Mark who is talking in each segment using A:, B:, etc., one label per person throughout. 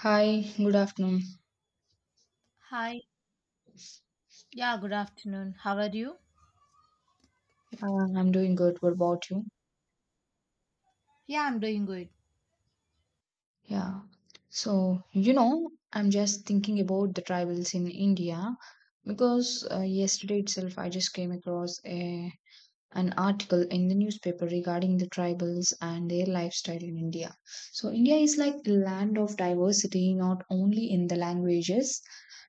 A: Hi, good afternoon.
B: Hi. Yeah, good afternoon. How are you?
A: I'm doing good. What about you?
B: Yeah, I'm doing good.
A: Yeah. So, you know, I'm just thinking about the tribals in India because yesterday itself I just came across a an article in the newspaper regarding the tribals and their lifestyle in India. So, India is like the land of diversity, not only in the languages,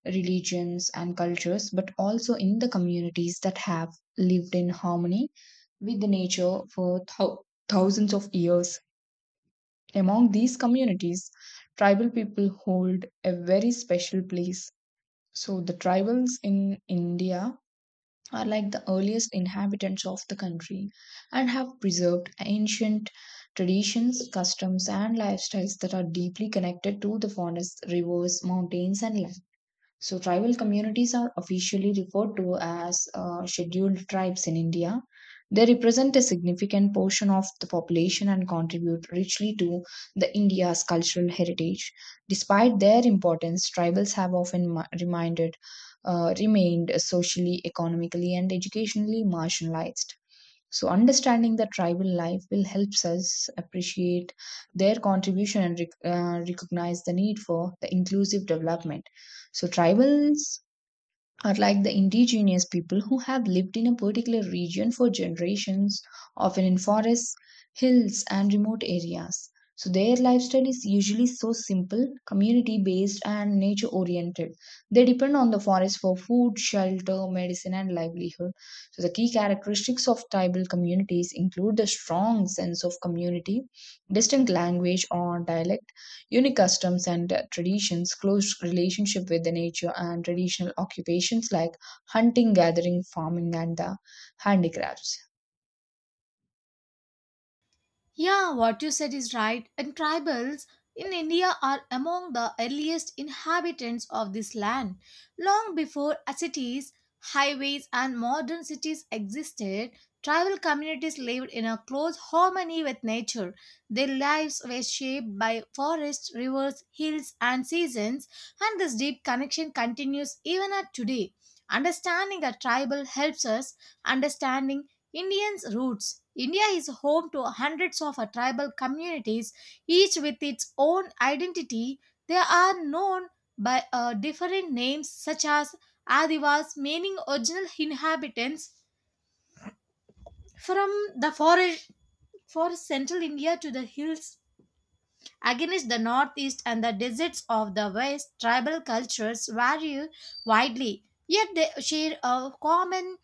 A: religions, and cultures, but also in the communities that have lived in harmony with nature for thousands of years. Among these communities, tribal people hold a very special place. So, the tribals in India are like the earliest inhabitants of the country and have preserved ancient traditions, customs, and lifestyles that are deeply connected to the forests, rivers, mountains, and land. So, tribal communities are officially referred to as scheduled tribes in India. They represent a significant portion of the population and contribute richly to the India's cultural heritage. Despite their importance, tribals have often remained socially, economically, and educationally marginalized. So, understanding the tribal life will help us appreciate their contribution and recognize the need for the inclusive development. So, tribals are like the indigenous people who have lived in a particular region for generations, often in forests, hills, and remote areas. So, their lifestyle is usually so simple, community based, and nature oriented. They depend on the forest for food, shelter, medicine, and livelihood. So, the key characteristics of tribal communities include the strong sense of community, distinct language or dialect, unique customs and traditions, close relationship with the nature, and traditional occupations like hunting, gathering, farming, and the handicrafts.
B: Yeah, what you said is right. And tribals in India are among the earliest inhabitants of this land. Long before cities, highways, and modern cities existed, tribal communities lived in a close harmony with nature. Their lives were shaped by forests, rivers, hills, and seasons, and this deep connection continues even at today. Understanding a tribal helps us understanding Indians' roots. India is home to hundreds of tribal communities, each with its own identity. They are known by different names such as Adivas, meaning original inhabitants, from the forest central India to the hills against the northeast and the deserts of the west. Tribal cultures vary widely, yet they share a common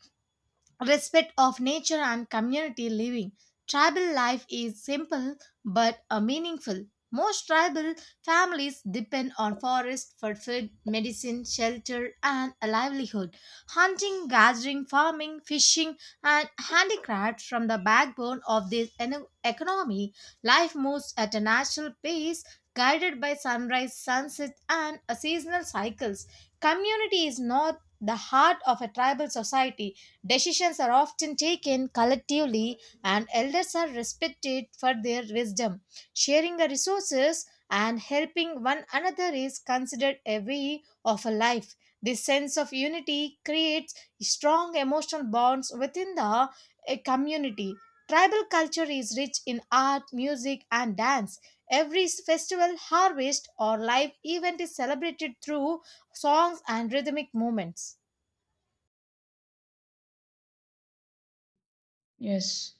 B: respect of nature and community living. Tribal life is simple but meaningful. Most tribal families depend on forest for food, medicine, shelter, and a livelihood. Hunting, gathering, farming, fishing, and handicrafts from the backbone of this economy. Life moves at a natural pace, guided by sunrise, sunset, and seasonal cycles. Community is not the heart of a tribal society. Decisions are often taken collectively, and elders are respected for their wisdom. Sharing the resources and helping one another is considered a way of a life. This sense of unity creates strong emotional bonds within the community. Tribal culture is rich in art, music, and dance. Every festival, harvest, or live event is celebrated through songs and rhythmic movements.
A: Yes.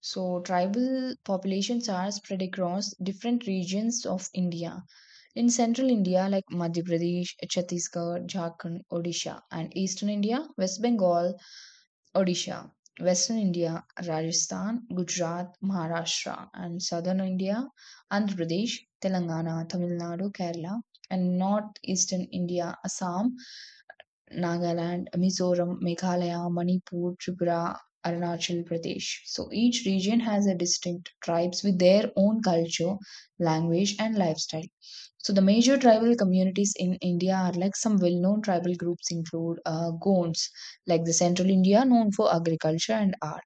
A: So, tribal populations are spread across different regions of India. In central India, like Madhya Pradesh, Chhattisgarh, Jharkhand, Odisha, and eastern India, West Bengal, Odisha, Western India, Rajasthan, Gujarat, Maharashtra, and Southern India, Andhra Pradesh, Telangana, Tamil Nadu, Kerala, and Northeastern India, Assam, Nagaland, Mizoram, Meghalaya, Manipur, Tripura, Arunachal Pradesh. So each region has a distinct tribes with their own culture, language, and lifestyle. So the major tribal communities in India are like some well-known tribal groups include Gonds, like the central India known for agriculture and art,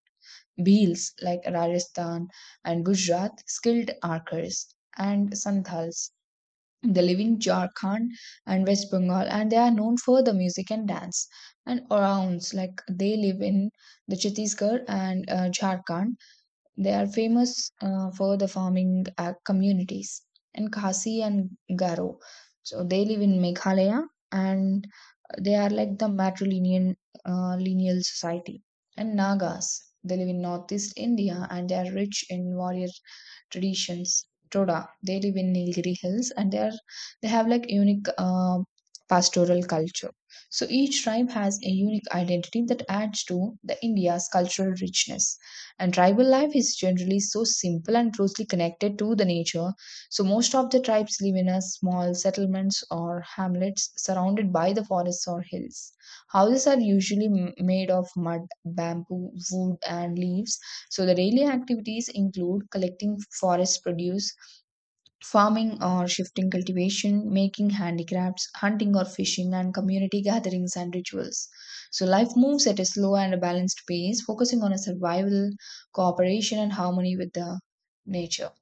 A: Bhils like Rajasthan and Gujarat, skilled archers, and Santals. They live in Jharkhand and West Bengal, and they are known for the music and dance. And Orans, like they live in the Chhattisgarh and Jharkhand. They are famous for the farming communities and Khasi and Garo. So they live in Meghalaya and they are like the matrilineal lineal society. And Nagas, they live in northeast India and they are rich in warrior traditions. Toda, they live in Nilgiri Hills and they have like unique pastoral culture. So each tribe has a unique identity that adds to the India's cultural richness. And tribal life is generally so simple and closely connected to the nature. So most of the tribes live in a small settlements or hamlets surrounded by the forests or hills. Houses are usually made of mud, bamboo, wood, and leaves, so the daily activities include collecting forest produce, farming or shifting cultivation, making handicrafts, hunting or fishing, and community gatherings and rituals. So life moves at a slow and a balanced pace, focusing on a survival, cooperation, and harmony with the nature.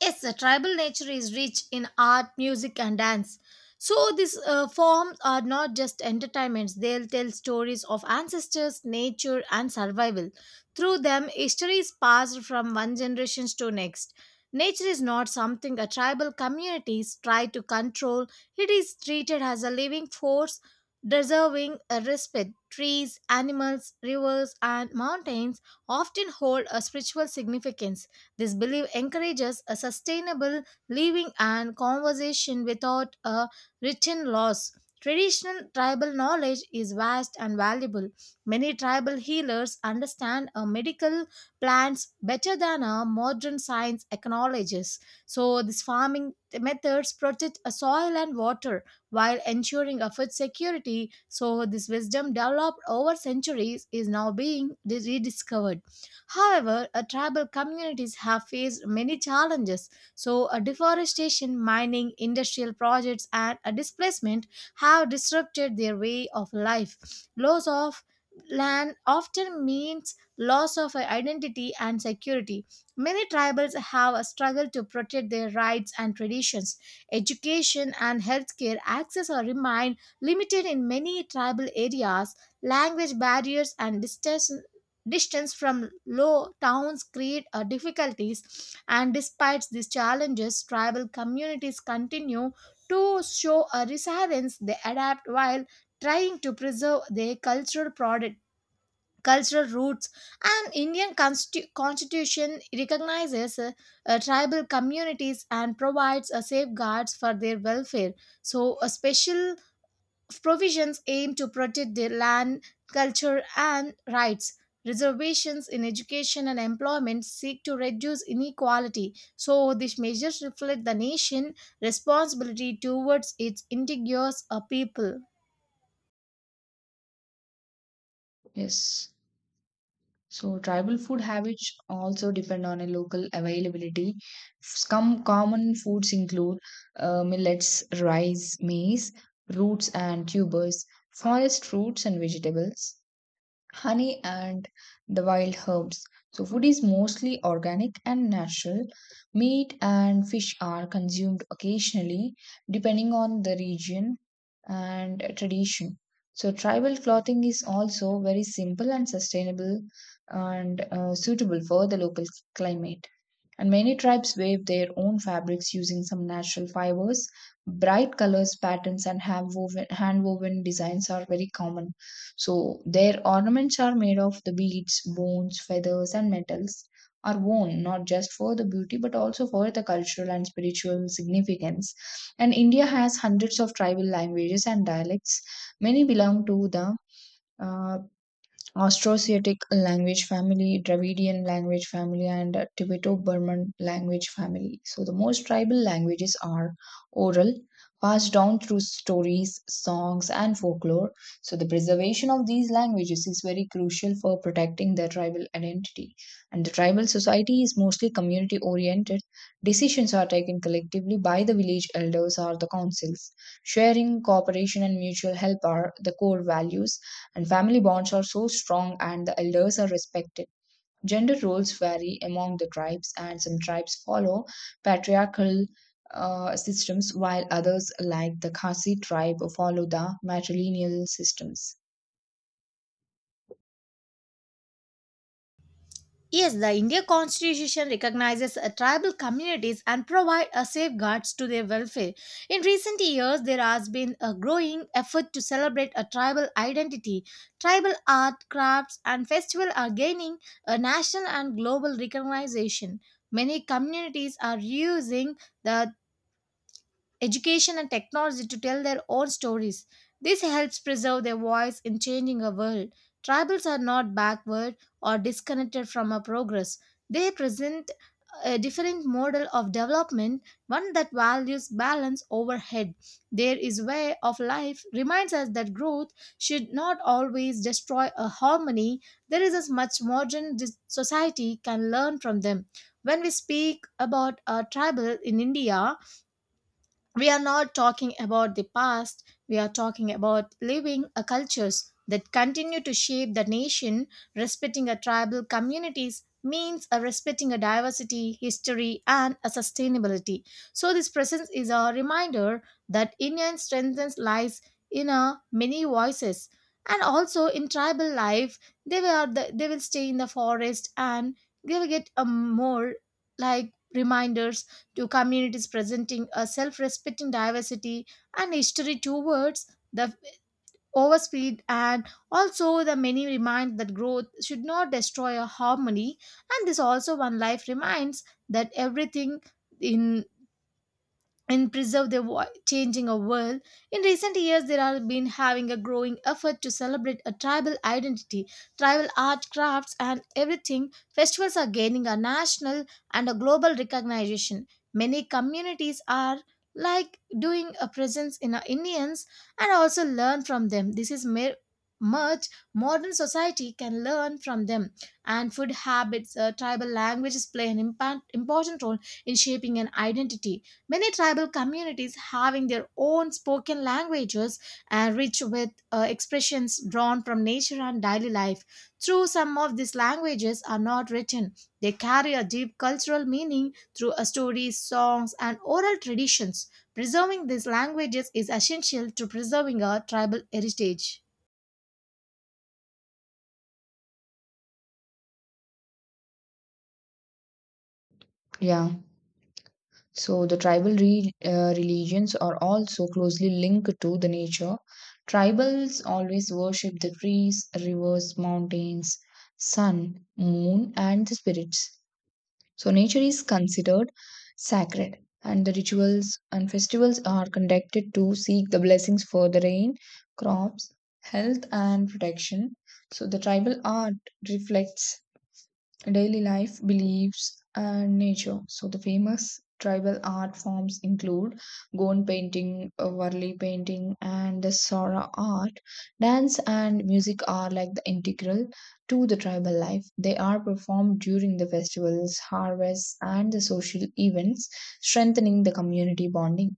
B: Yes, the tribal nature is rich in art, music, and dance. So these forms are not just entertainments; they'll tell stories of ancestors, nature, and survival. Through them, history is passed from one generation to next. Nature is not something a tribal communities try to control. It is treated as a living force, deserving a respect. Trees, animals, rivers, and mountains often hold a spiritual significance. This belief encourages a sustainable living and conversation without a written laws. Traditional tribal knowledge is vast and valuable. Many tribal healers understand a medical plants better than a modern science acknowledges. So these farming methods protect a soil and water while ensuring a food security. So this wisdom developed over centuries is now being rediscovered. However, tribal communities have faced many challenges. So, deforestation, mining, industrial projects, and displacement have disrupted their way of life. Loss of land often means loss of identity and security. Many tribals have struggled to protect their rights and traditions. Education and healthcare access are remain limited in many tribal areas. Language barriers and distance from low towns create difficulties, and despite these challenges tribal communities continue to show a resilience. They adapt while trying to preserve their cultural roots, and Indian constitution recognizes tribal communities and provides safeguards for their welfare. So a special provisions aim to protect the land, culture, and rights. Reservations in education and employment seek to reduce inequality, so these measures reflect the nation's responsibility towards its indigenous people.
A: Yes. So tribal food habits also depend on a local availability. Some common foods include millets, rice, maize, roots and tubers, forest fruits and vegetables, honey, and the wild herbs. So, food is mostly organic and natural. Meat and fish are consumed occasionally, depending on the region and tradition. So, tribal clothing is also very simple and sustainable and suitable for the local climate. And many tribes weave their own fabrics using some natural fibers. Bright colors, patterns, and hand woven designs are very common. So, their ornaments are made of the beads, bones, feathers, and metals. Are worn not just for the beauty but also for the cultural and spiritual significance. And India has hundreds of tribal languages and dialects. Many belong to the uh, Austroasiatic language family, Dravidian language family, and Tibeto-Burman language family. So the most tribal languages are oral, passed down through stories, songs, and folklore. So the preservation of these languages is very crucial for protecting their tribal identity. And the tribal society is mostly community-oriented. Decisions are taken collectively by the village elders or the councils. Sharing, cooperation, and mutual help are the core values, and family bonds are so strong and the elders are respected. Gender roles vary among the tribes, and some tribes follow patriarchal systems, while others, like the Khasi tribe, follow the matrilineal systems.
B: Yes, the India Constitution recognizes tribal communities and provides safeguards to their welfare. In recent years, there has been a growing effort to celebrate a tribal identity. Tribal art, crafts, and festivals are gaining a national and global recognition. Many communities are using the education, and technology to tell their own stories. This helps preserve their voice in changing a world. Tribals are not backward or disconnected from our progress. They present a different model of development, one that values balance over head. There is way of life reminds us that growth should not always destroy a harmony. There is as much modern society can learn from them. When we speak about our tribal in India, we are not talking about the past. We are talking about living a cultures that continue to shape the nation, respecting a tribal communities means a respecting a diversity history and a sustainability. So this presence is a reminder that Indian strength lies in a many voices, and also in tribal life they were the, they will stay in the forest and they will get a more like reminders to communities presenting a self respecting diversity and history towards the overspeed, and also the many remind that growth should not destroy a harmony, and this also one life reminds that everything in and preserve their voice, changing our world. In recent years, there have been having a growing effort to celebrate a tribal identity, tribal art, crafts, and everything. Festivals are gaining a national and a global recognition. Many communities are like doing a presence in our Indians and also learn from them. This is much modern society can learn from them, and food habits, tribal languages play an important role in shaping an identity. Many tribal communities having their own spoken languages and rich with expressions drawn from nature and daily life. Though some of these languages are not written. They carry a deep cultural meaning through stories, songs, and oral traditions. Preserving these languages is essential to preserving our tribal heritage.
A: Yeah. So the tribal religions are also closely linked to the nature. Tribals always worship the trees, rivers, mountains, sun, moon, and the spirits. So nature is considered sacred, and the rituals and festivals are conducted to seek the blessings for the rain, crops, health, and protection. So the tribal art reflects daily life, beliefs, and nature. So, the famous tribal art forms include Gond painting, Varli painting, and the Sora art. Dance and music are like the integral to the tribal life. They are performed during the festivals, harvests, and the social events, strengthening the community bonding.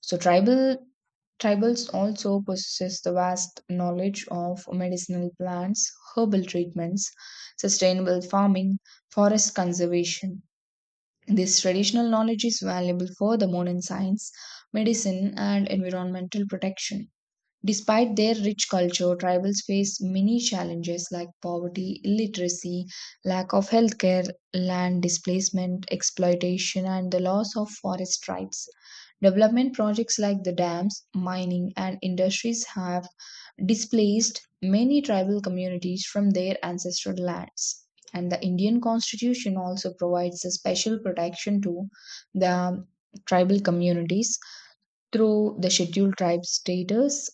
A: So, tribals also possess the vast knowledge of medicinal plants, herbal treatments, sustainable farming, forest conservation. This traditional knowledge is valuable furthermore in science, medicine, and environmental protection. Despite their rich culture, tribals face many challenges like poverty, illiteracy, lack of healthcare, land displacement, exploitation, and the loss of forest rights. Development projects like the dams, mining, and industries have displaced many tribal communities from their ancestral lands. And the Indian constitution also provides a special protection to the tribal communities through the scheduled tribe status,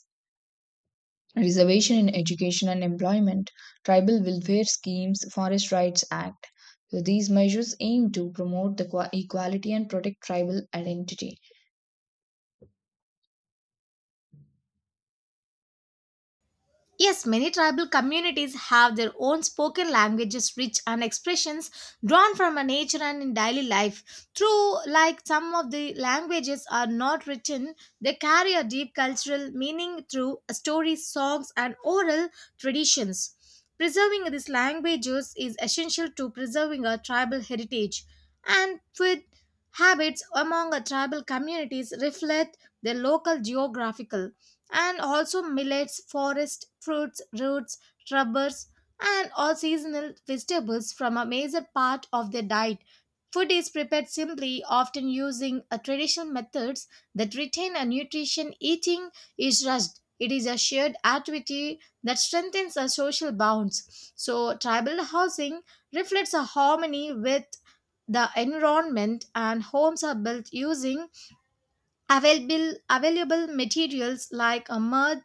A: reservation in education and employment, tribal welfare schemes, forest rights act. So these measures aim to promote the equality and protect tribal identity.
B: Yes, many tribal communities have their own spoken languages, rich and expressions drawn from our nature and in daily life. True, like some of the languages are not written, they carry a deep cultural meaning through stories, songs, and oral traditions. Preserving these languages is essential to preserving our tribal heritage, and food habits among our tribal communities reflect their local geographical and also millets, forest fruits, roots, rubbers, and all seasonal vegetables from a major part of their diet. Food is prepared simply, often using a traditional methods that retain a nutrition. Eating is rushed. It is a shared activity that strengthens our social bonds. So, tribal housing reflects a harmony with the environment, and homes are built using available materials like a mud,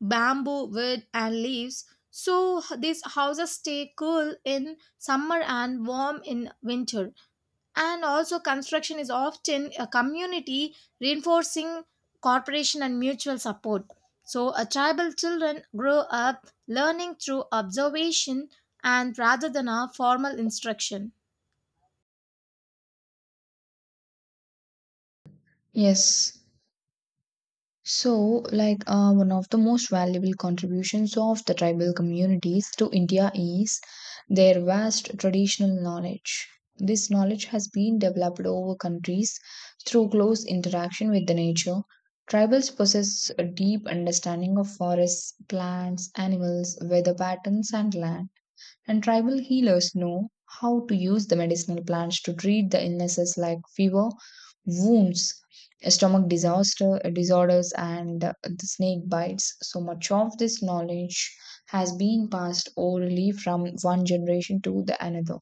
B: bamboo, wood, and leaves. So these houses stay cool in summer and warm in winter. And also, construction is often a community reinforcing cooperation and mutual support. So, a tribal children grow up learning through observation and rather than a formal instruction.
A: Yes. So, like one of the most valuable contributions of the tribal communities to India is their vast traditional knowledge. This knowledge has been developed over countries through close interaction with the nature. Tribals possess a deep understanding of forests, plants, animals, weather patterns, and land, and tribal healers know how to use the medicinal plants to treat the illnesses like fever, wounds, stomach disaster disorders, and the snake bites. So much of this knowledge has been passed orally from one generation to the another,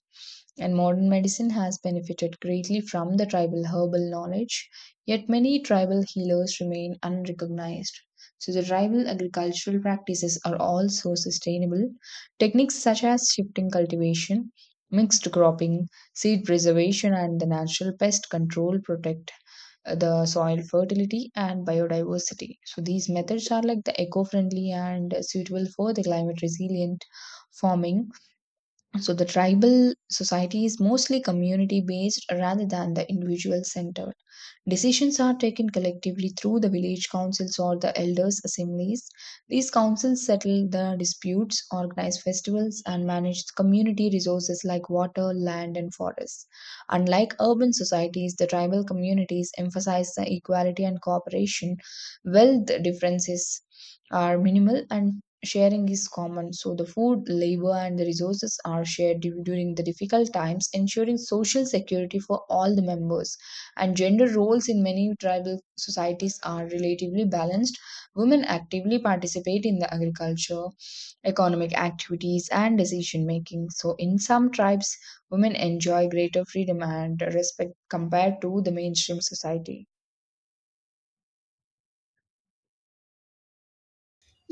A: and modern medicine has benefited greatly from the tribal herbal knowledge, yet many tribal healers remain unrecognized. So, the tribal agricultural practices are also sustainable. Techniques such as shifting cultivation, mixed cropping, seed preservation, and the natural pest control protect the soil fertility and biodiversity. So, these methods are like the eco friendly and suitable for the climate resilient farming, so the tribal society is mostly community based rather than the individual centered. Decisions are taken collectively through the village councils or the elders' assemblies. These councils settle the disputes, organize festivals, and manage the community resources like water, land, and forests. Unlike urban societies, the tribal communities emphasize the equality and cooperation. Wealth differences are minimal and sharing is common. So, the food, labor, and the resources are shared during the difficult times, ensuring social security for all the members, and gender roles in many tribal societies are relatively balanced. Women actively participate in the agriculture, economic activities, and decision making. So, in some tribes, women enjoy greater freedom and respect compared to the mainstream society.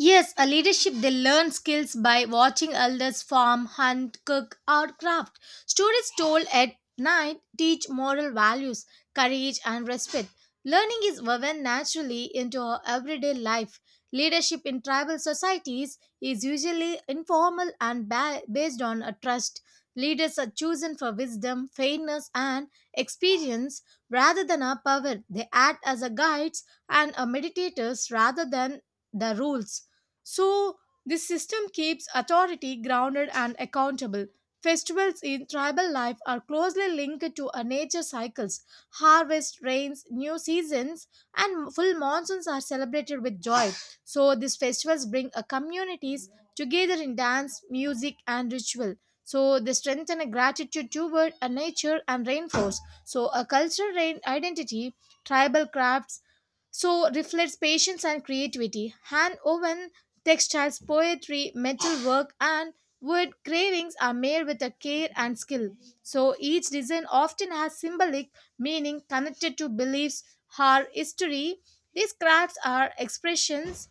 B: Yes, a leadership they learn skills by watching elders farm, hunt, cook, or craft. Stories told at night teach moral values, courage, and respect. Learning is woven naturally into our everyday life. Leadership in tribal societies is usually informal and based on a trust. Leaders are chosen for wisdom, fairness, and experience rather than a power. They act as a guides and a meditators rather than the rules. So, this system keeps authority grounded and accountable. Festivals in tribal life are closely linked to a nature cycles. Harvest, rains, new seasons, and full monsoons are celebrated with joy. So, these festivals bring a communities together in dance, music, and ritual. So, they strengthen a gratitude toward a nature and reinforce. So, a cultural identity, tribal crafts, so reflects patience and creativity. Hand woven textiles, poetry, metalwork, and wood carvings are made with a care and skill. So each design often has symbolic meaning connected to beliefs or history. These crafts are expressions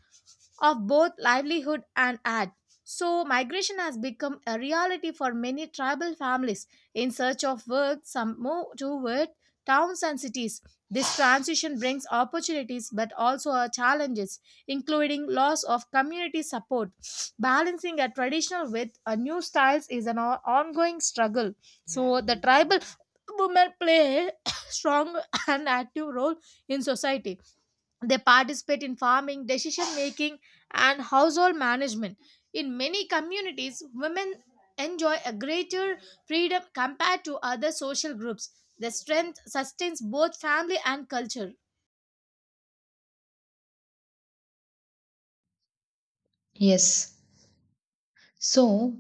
B: of both livelihood and art. So, migration has become a reality for many tribal families in search of work, some move toward towns and cities. This transition brings opportunities but also challenges including loss of community support. Balancing a traditional with a new styles is an ongoing struggle. So the tribal women play strong and active role in society. They participate in farming, decision making, and household management. In many communities, women enjoy a greater freedom compared to other social groups. Their strength sustains both family and culture.
A: Yes. So,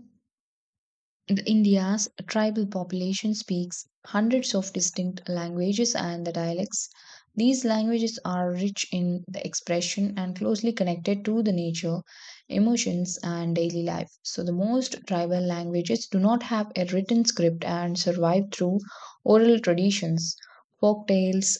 A: the India's tribal population speaks hundreds of distinct languages and the dialects. These languages are rich in the expression and closely connected to the nature, emotions, and daily life. So, the most tribal languages do not have a written script and survive through oral traditions, folk tales,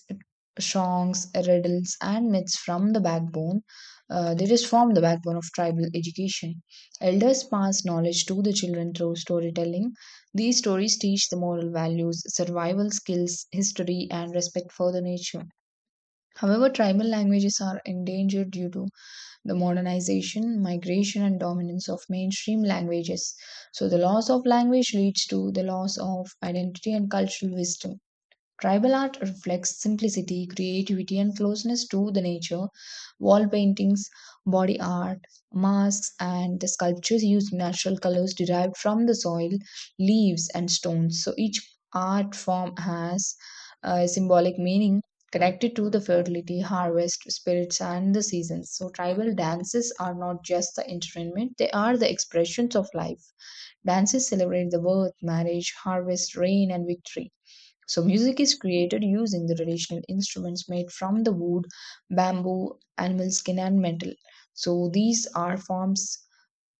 A: songs, riddles, and myths from the backbone. They just form the backbone of tribal education. Elders pass knowledge to the children through storytelling. These stories teach the moral values, survival skills, history, and respect for the nature. However, tribal languages are endangered due to the modernization, migration, and dominance of mainstream languages. So, the loss of language leads to the loss of identity and cultural wisdom. Tribal art reflects simplicity, creativity, and closeness to the nature. Wall paintings, body art, masks, and the sculptures use natural colors derived from the soil, leaves, and stones. So each art form has a symbolic meaning connected to the fertility, harvest, spirits, and the seasons. So tribal dances are not just the entertainment, they are the expressions of life. Dances celebrate the birth, marriage, harvest, rain, and victory. So, music is created using the traditional instruments made from the wood, bamboo, animal skin, and metal. So, these art forms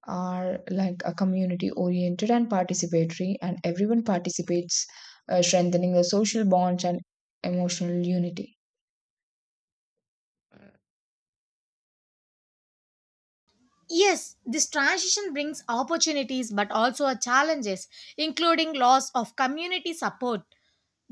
A: are like a community oriented and participatory, and everyone participates, strengthening the social bonds and emotional unity.
B: Yes, this transition brings opportunities but also a challenges, including loss of community support.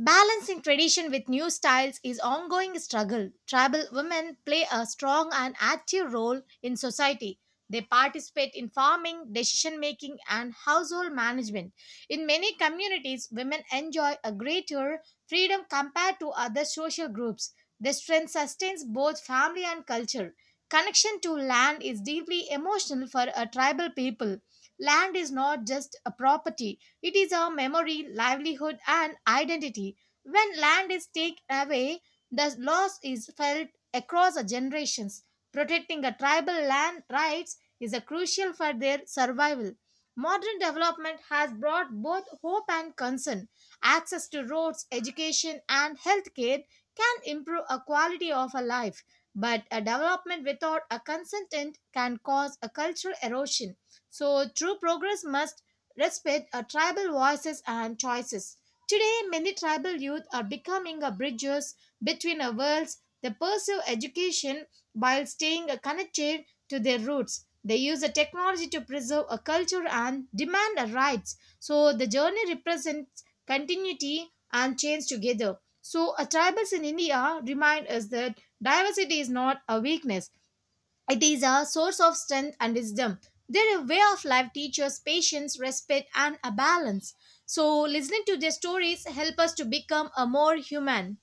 B: Balancing tradition with new styles is ongoing struggle. Tribal women play a strong and active role in society. They participate in farming, decision making and household management. In many communities, women enjoy a greater freedom compared to other social groups. Their strength sustains both family and culture. Connection to land is deeply emotional for a tribal people. Land is not just a property, it is our memory, livelihood, and identity. When land is taken away, the loss is felt across the generations. Protecting a tribal land rights is a crucial for their survival. Modern development has brought both hope and concern. Access to roads, education, and healthcare can improve a quality of a life, but a development without a consent can cause a cultural erosion. So true progress must respect our tribal voices and choices. Today, many tribal youth are becoming a bridges between our worlds. They pursue education while staying connected to their roots. They use a technology to preserve a culture and demand a rights. So the journey represents continuity and change together. So, a tribals in India remind us that diversity is not a weakness; it is a source of strength and wisdom. Their way of life teaches patience, respect, and a balance. So, listening to their stories help us to become a more human.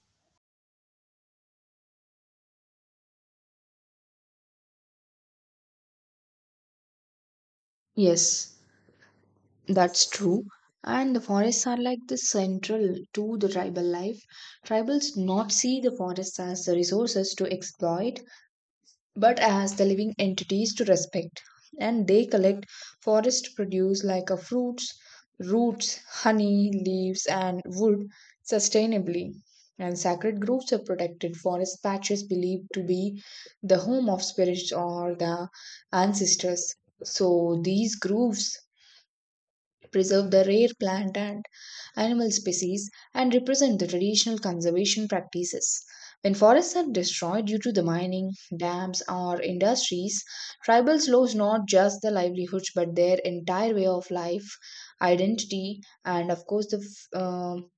A: Yes, that's true. And the forests are like the central to the tribal life. Tribals not see the forests as the resources to exploit, but as the living entities to respect. And they collect forest produce like a fruits, roots, honey, leaves, and wood sustainably. And sacred groves are protected forest patches believed to be the home of spirits or the ancestors. So these groves preserve the rare plant and animal species, and represent the traditional conservation practices. When forests are destroyed due to the mining, dams, or industries, tribals lose not just their livelihoods but their entire way of life, identity, and of course the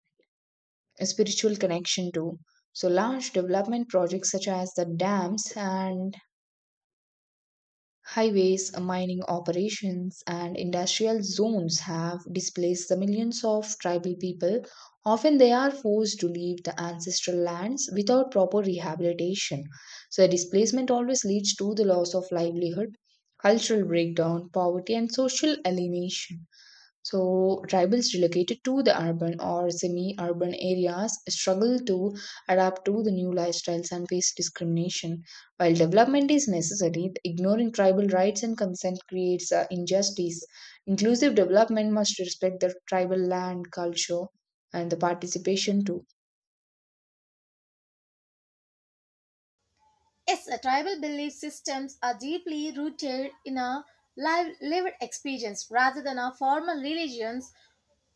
A: spiritual connection too. So, large development projects such as the dams and highways, mining operations, and industrial zones have displaced the millions of tribal people. Often they are forced to leave the ancestral lands without proper rehabilitation. So, the displacement always leads to the loss of livelihood, cultural breakdown, poverty, and social alienation. So, tribals relocated to the urban or semi urban areas struggle to adapt to the new lifestyles and face discrimination. While development is necessary, ignoring tribal rights and consent creates injustice. Inclusive development must respect the tribal land, culture, and the participation too.
B: Yes, tribal belief systems are deeply rooted in a lived experience rather than our formal religions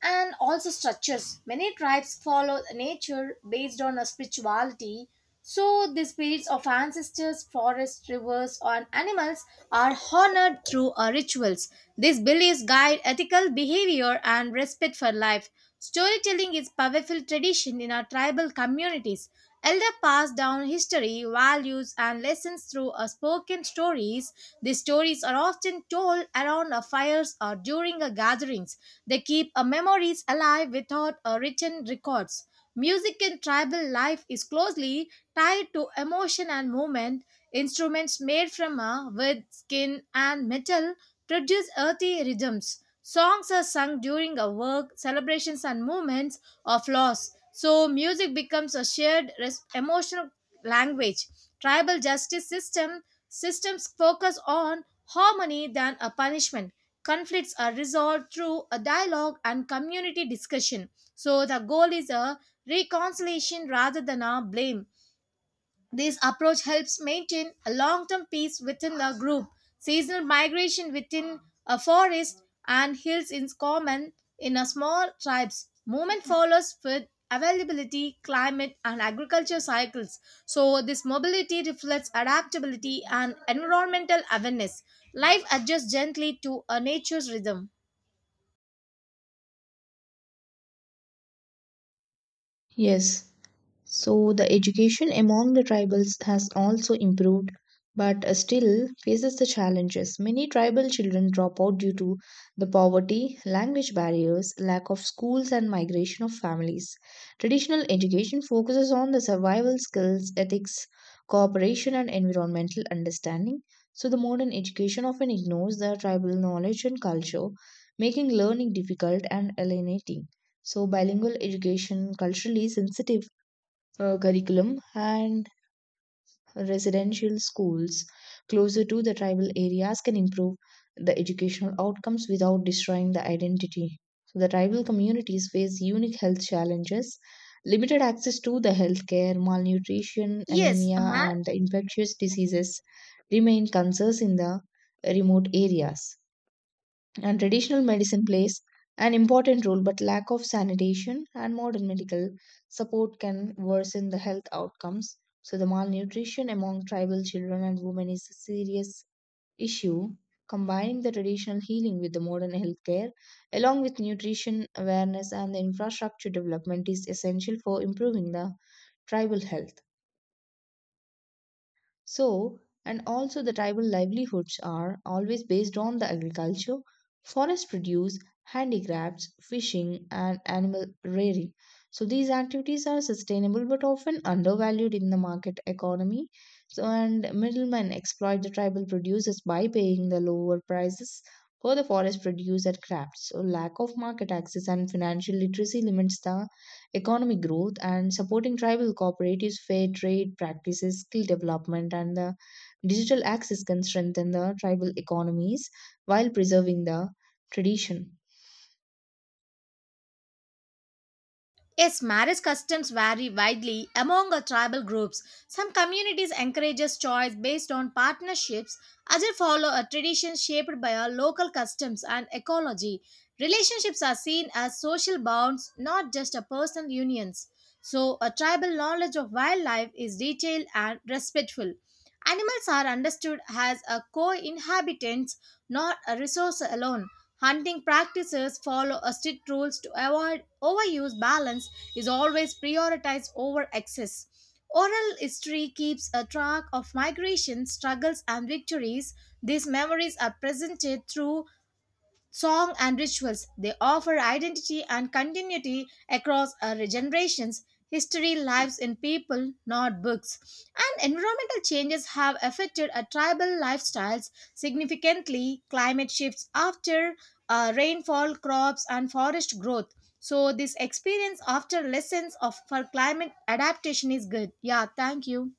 B: and also structures. Many tribes follow nature based on a spirituality. So the spirits of ancestors, forests, rivers, and animals are honored through our rituals. These beliefs guide ethical behavior and respect for life. Storytelling is powerful tradition in our tribal communities. Elder pass down history, values, and lessons through a spoken stories. These stories are often told around a fires or during a gatherings. They keep a memories alive without a written records. Music in tribal life is closely tied to emotion and movement. Instruments made from a wood, skin, and metal produce earthy rhythms. Songs are sung during a work, celebrations, and moments of loss. So, music becomes a shared emotional language. Tribal justice systems focus on harmony than a punishment. Conflicts are resolved through a dialogue and community discussion. So, the goal is a reconciliation rather than a blame. This approach helps maintain a long term peace within the group. Seasonal migration within a forest and hills is common in a small tribes. Movement follows with availability, climate, and agriculture cycles. So, this mobility reflects adaptability and environmental awareness. Life adjusts gently to a nature's rhythm.
A: Yes, so the education among the tribals has also improved, but still faces the challenges. Many tribal children drop out due to the poverty, language barriers, lack of schools, and migration of families. Traditional education focuses on the survival skills, ethics, cooperation, and environmental understanding. So the modern education often ignores the tribal knowledge and culture, making learning difficult and alienating. So, bilingual education, culturally sensitive curriculum, and residential schools closer to the tribal areas can improve the educational outcomes without destroying the identity. So, the tribal communities face unique health challenges. Limited access to the healthcare, malnutrition,
B: Yes, a
A: anemia,
B: man.
A: and the infectious diseases remain concerns in the remote areas, and traditional medicine plays an important role, but lack of sanitation and modern medical support can worsen the health outcomes. So, the malnutrition among tribal children and women is a serious issue. Combining the traditional healing with the modern healthcare, along with nutrition awareness and the infrastructure development, is essential for improving the tribal health. So, and also the tribal livelihoods are always based on the agriculture, forest produce, handicrafts, fishing, and animal rearing. So, these activities are sustainable but often undervalued in the market economy. So, and middlemen exploit the tribal producers by paying the lower prices for the forest produce and crafts. So, lack of market access and financial literacy limits the economic growth, and supporting tribal cooperatives, fair trade practices, skill development, and the digital access can strengthen the tribal economies while preserving the tradition.
B: Yes, marriage customs vary widely among our tribal groups. Some communities encourages choice based on partnerships, others follow a tradition shaped by our local customs and ecology. Relationships are seen as social bonds, not just a personal unions. So, a tribal knowledge of wildlife is detailed and respectful. Animals are understood as a co-inhabitants, not a resource alone. Hunting practices follow a strict rules to avoid overuse balance is always prioritized over excess. Oral history keeps a track of migration, struggles, and victories. These memories are presented through song and rituals. They offer identity and continuity across our generations. History lives in people, not books. And environmental changes have affected our tribal lifestyles significantly. Climate shifts after rainfall, crops, and forest growth. So, this experience after lessons of for climate adaptation is good. Yeah, thank you.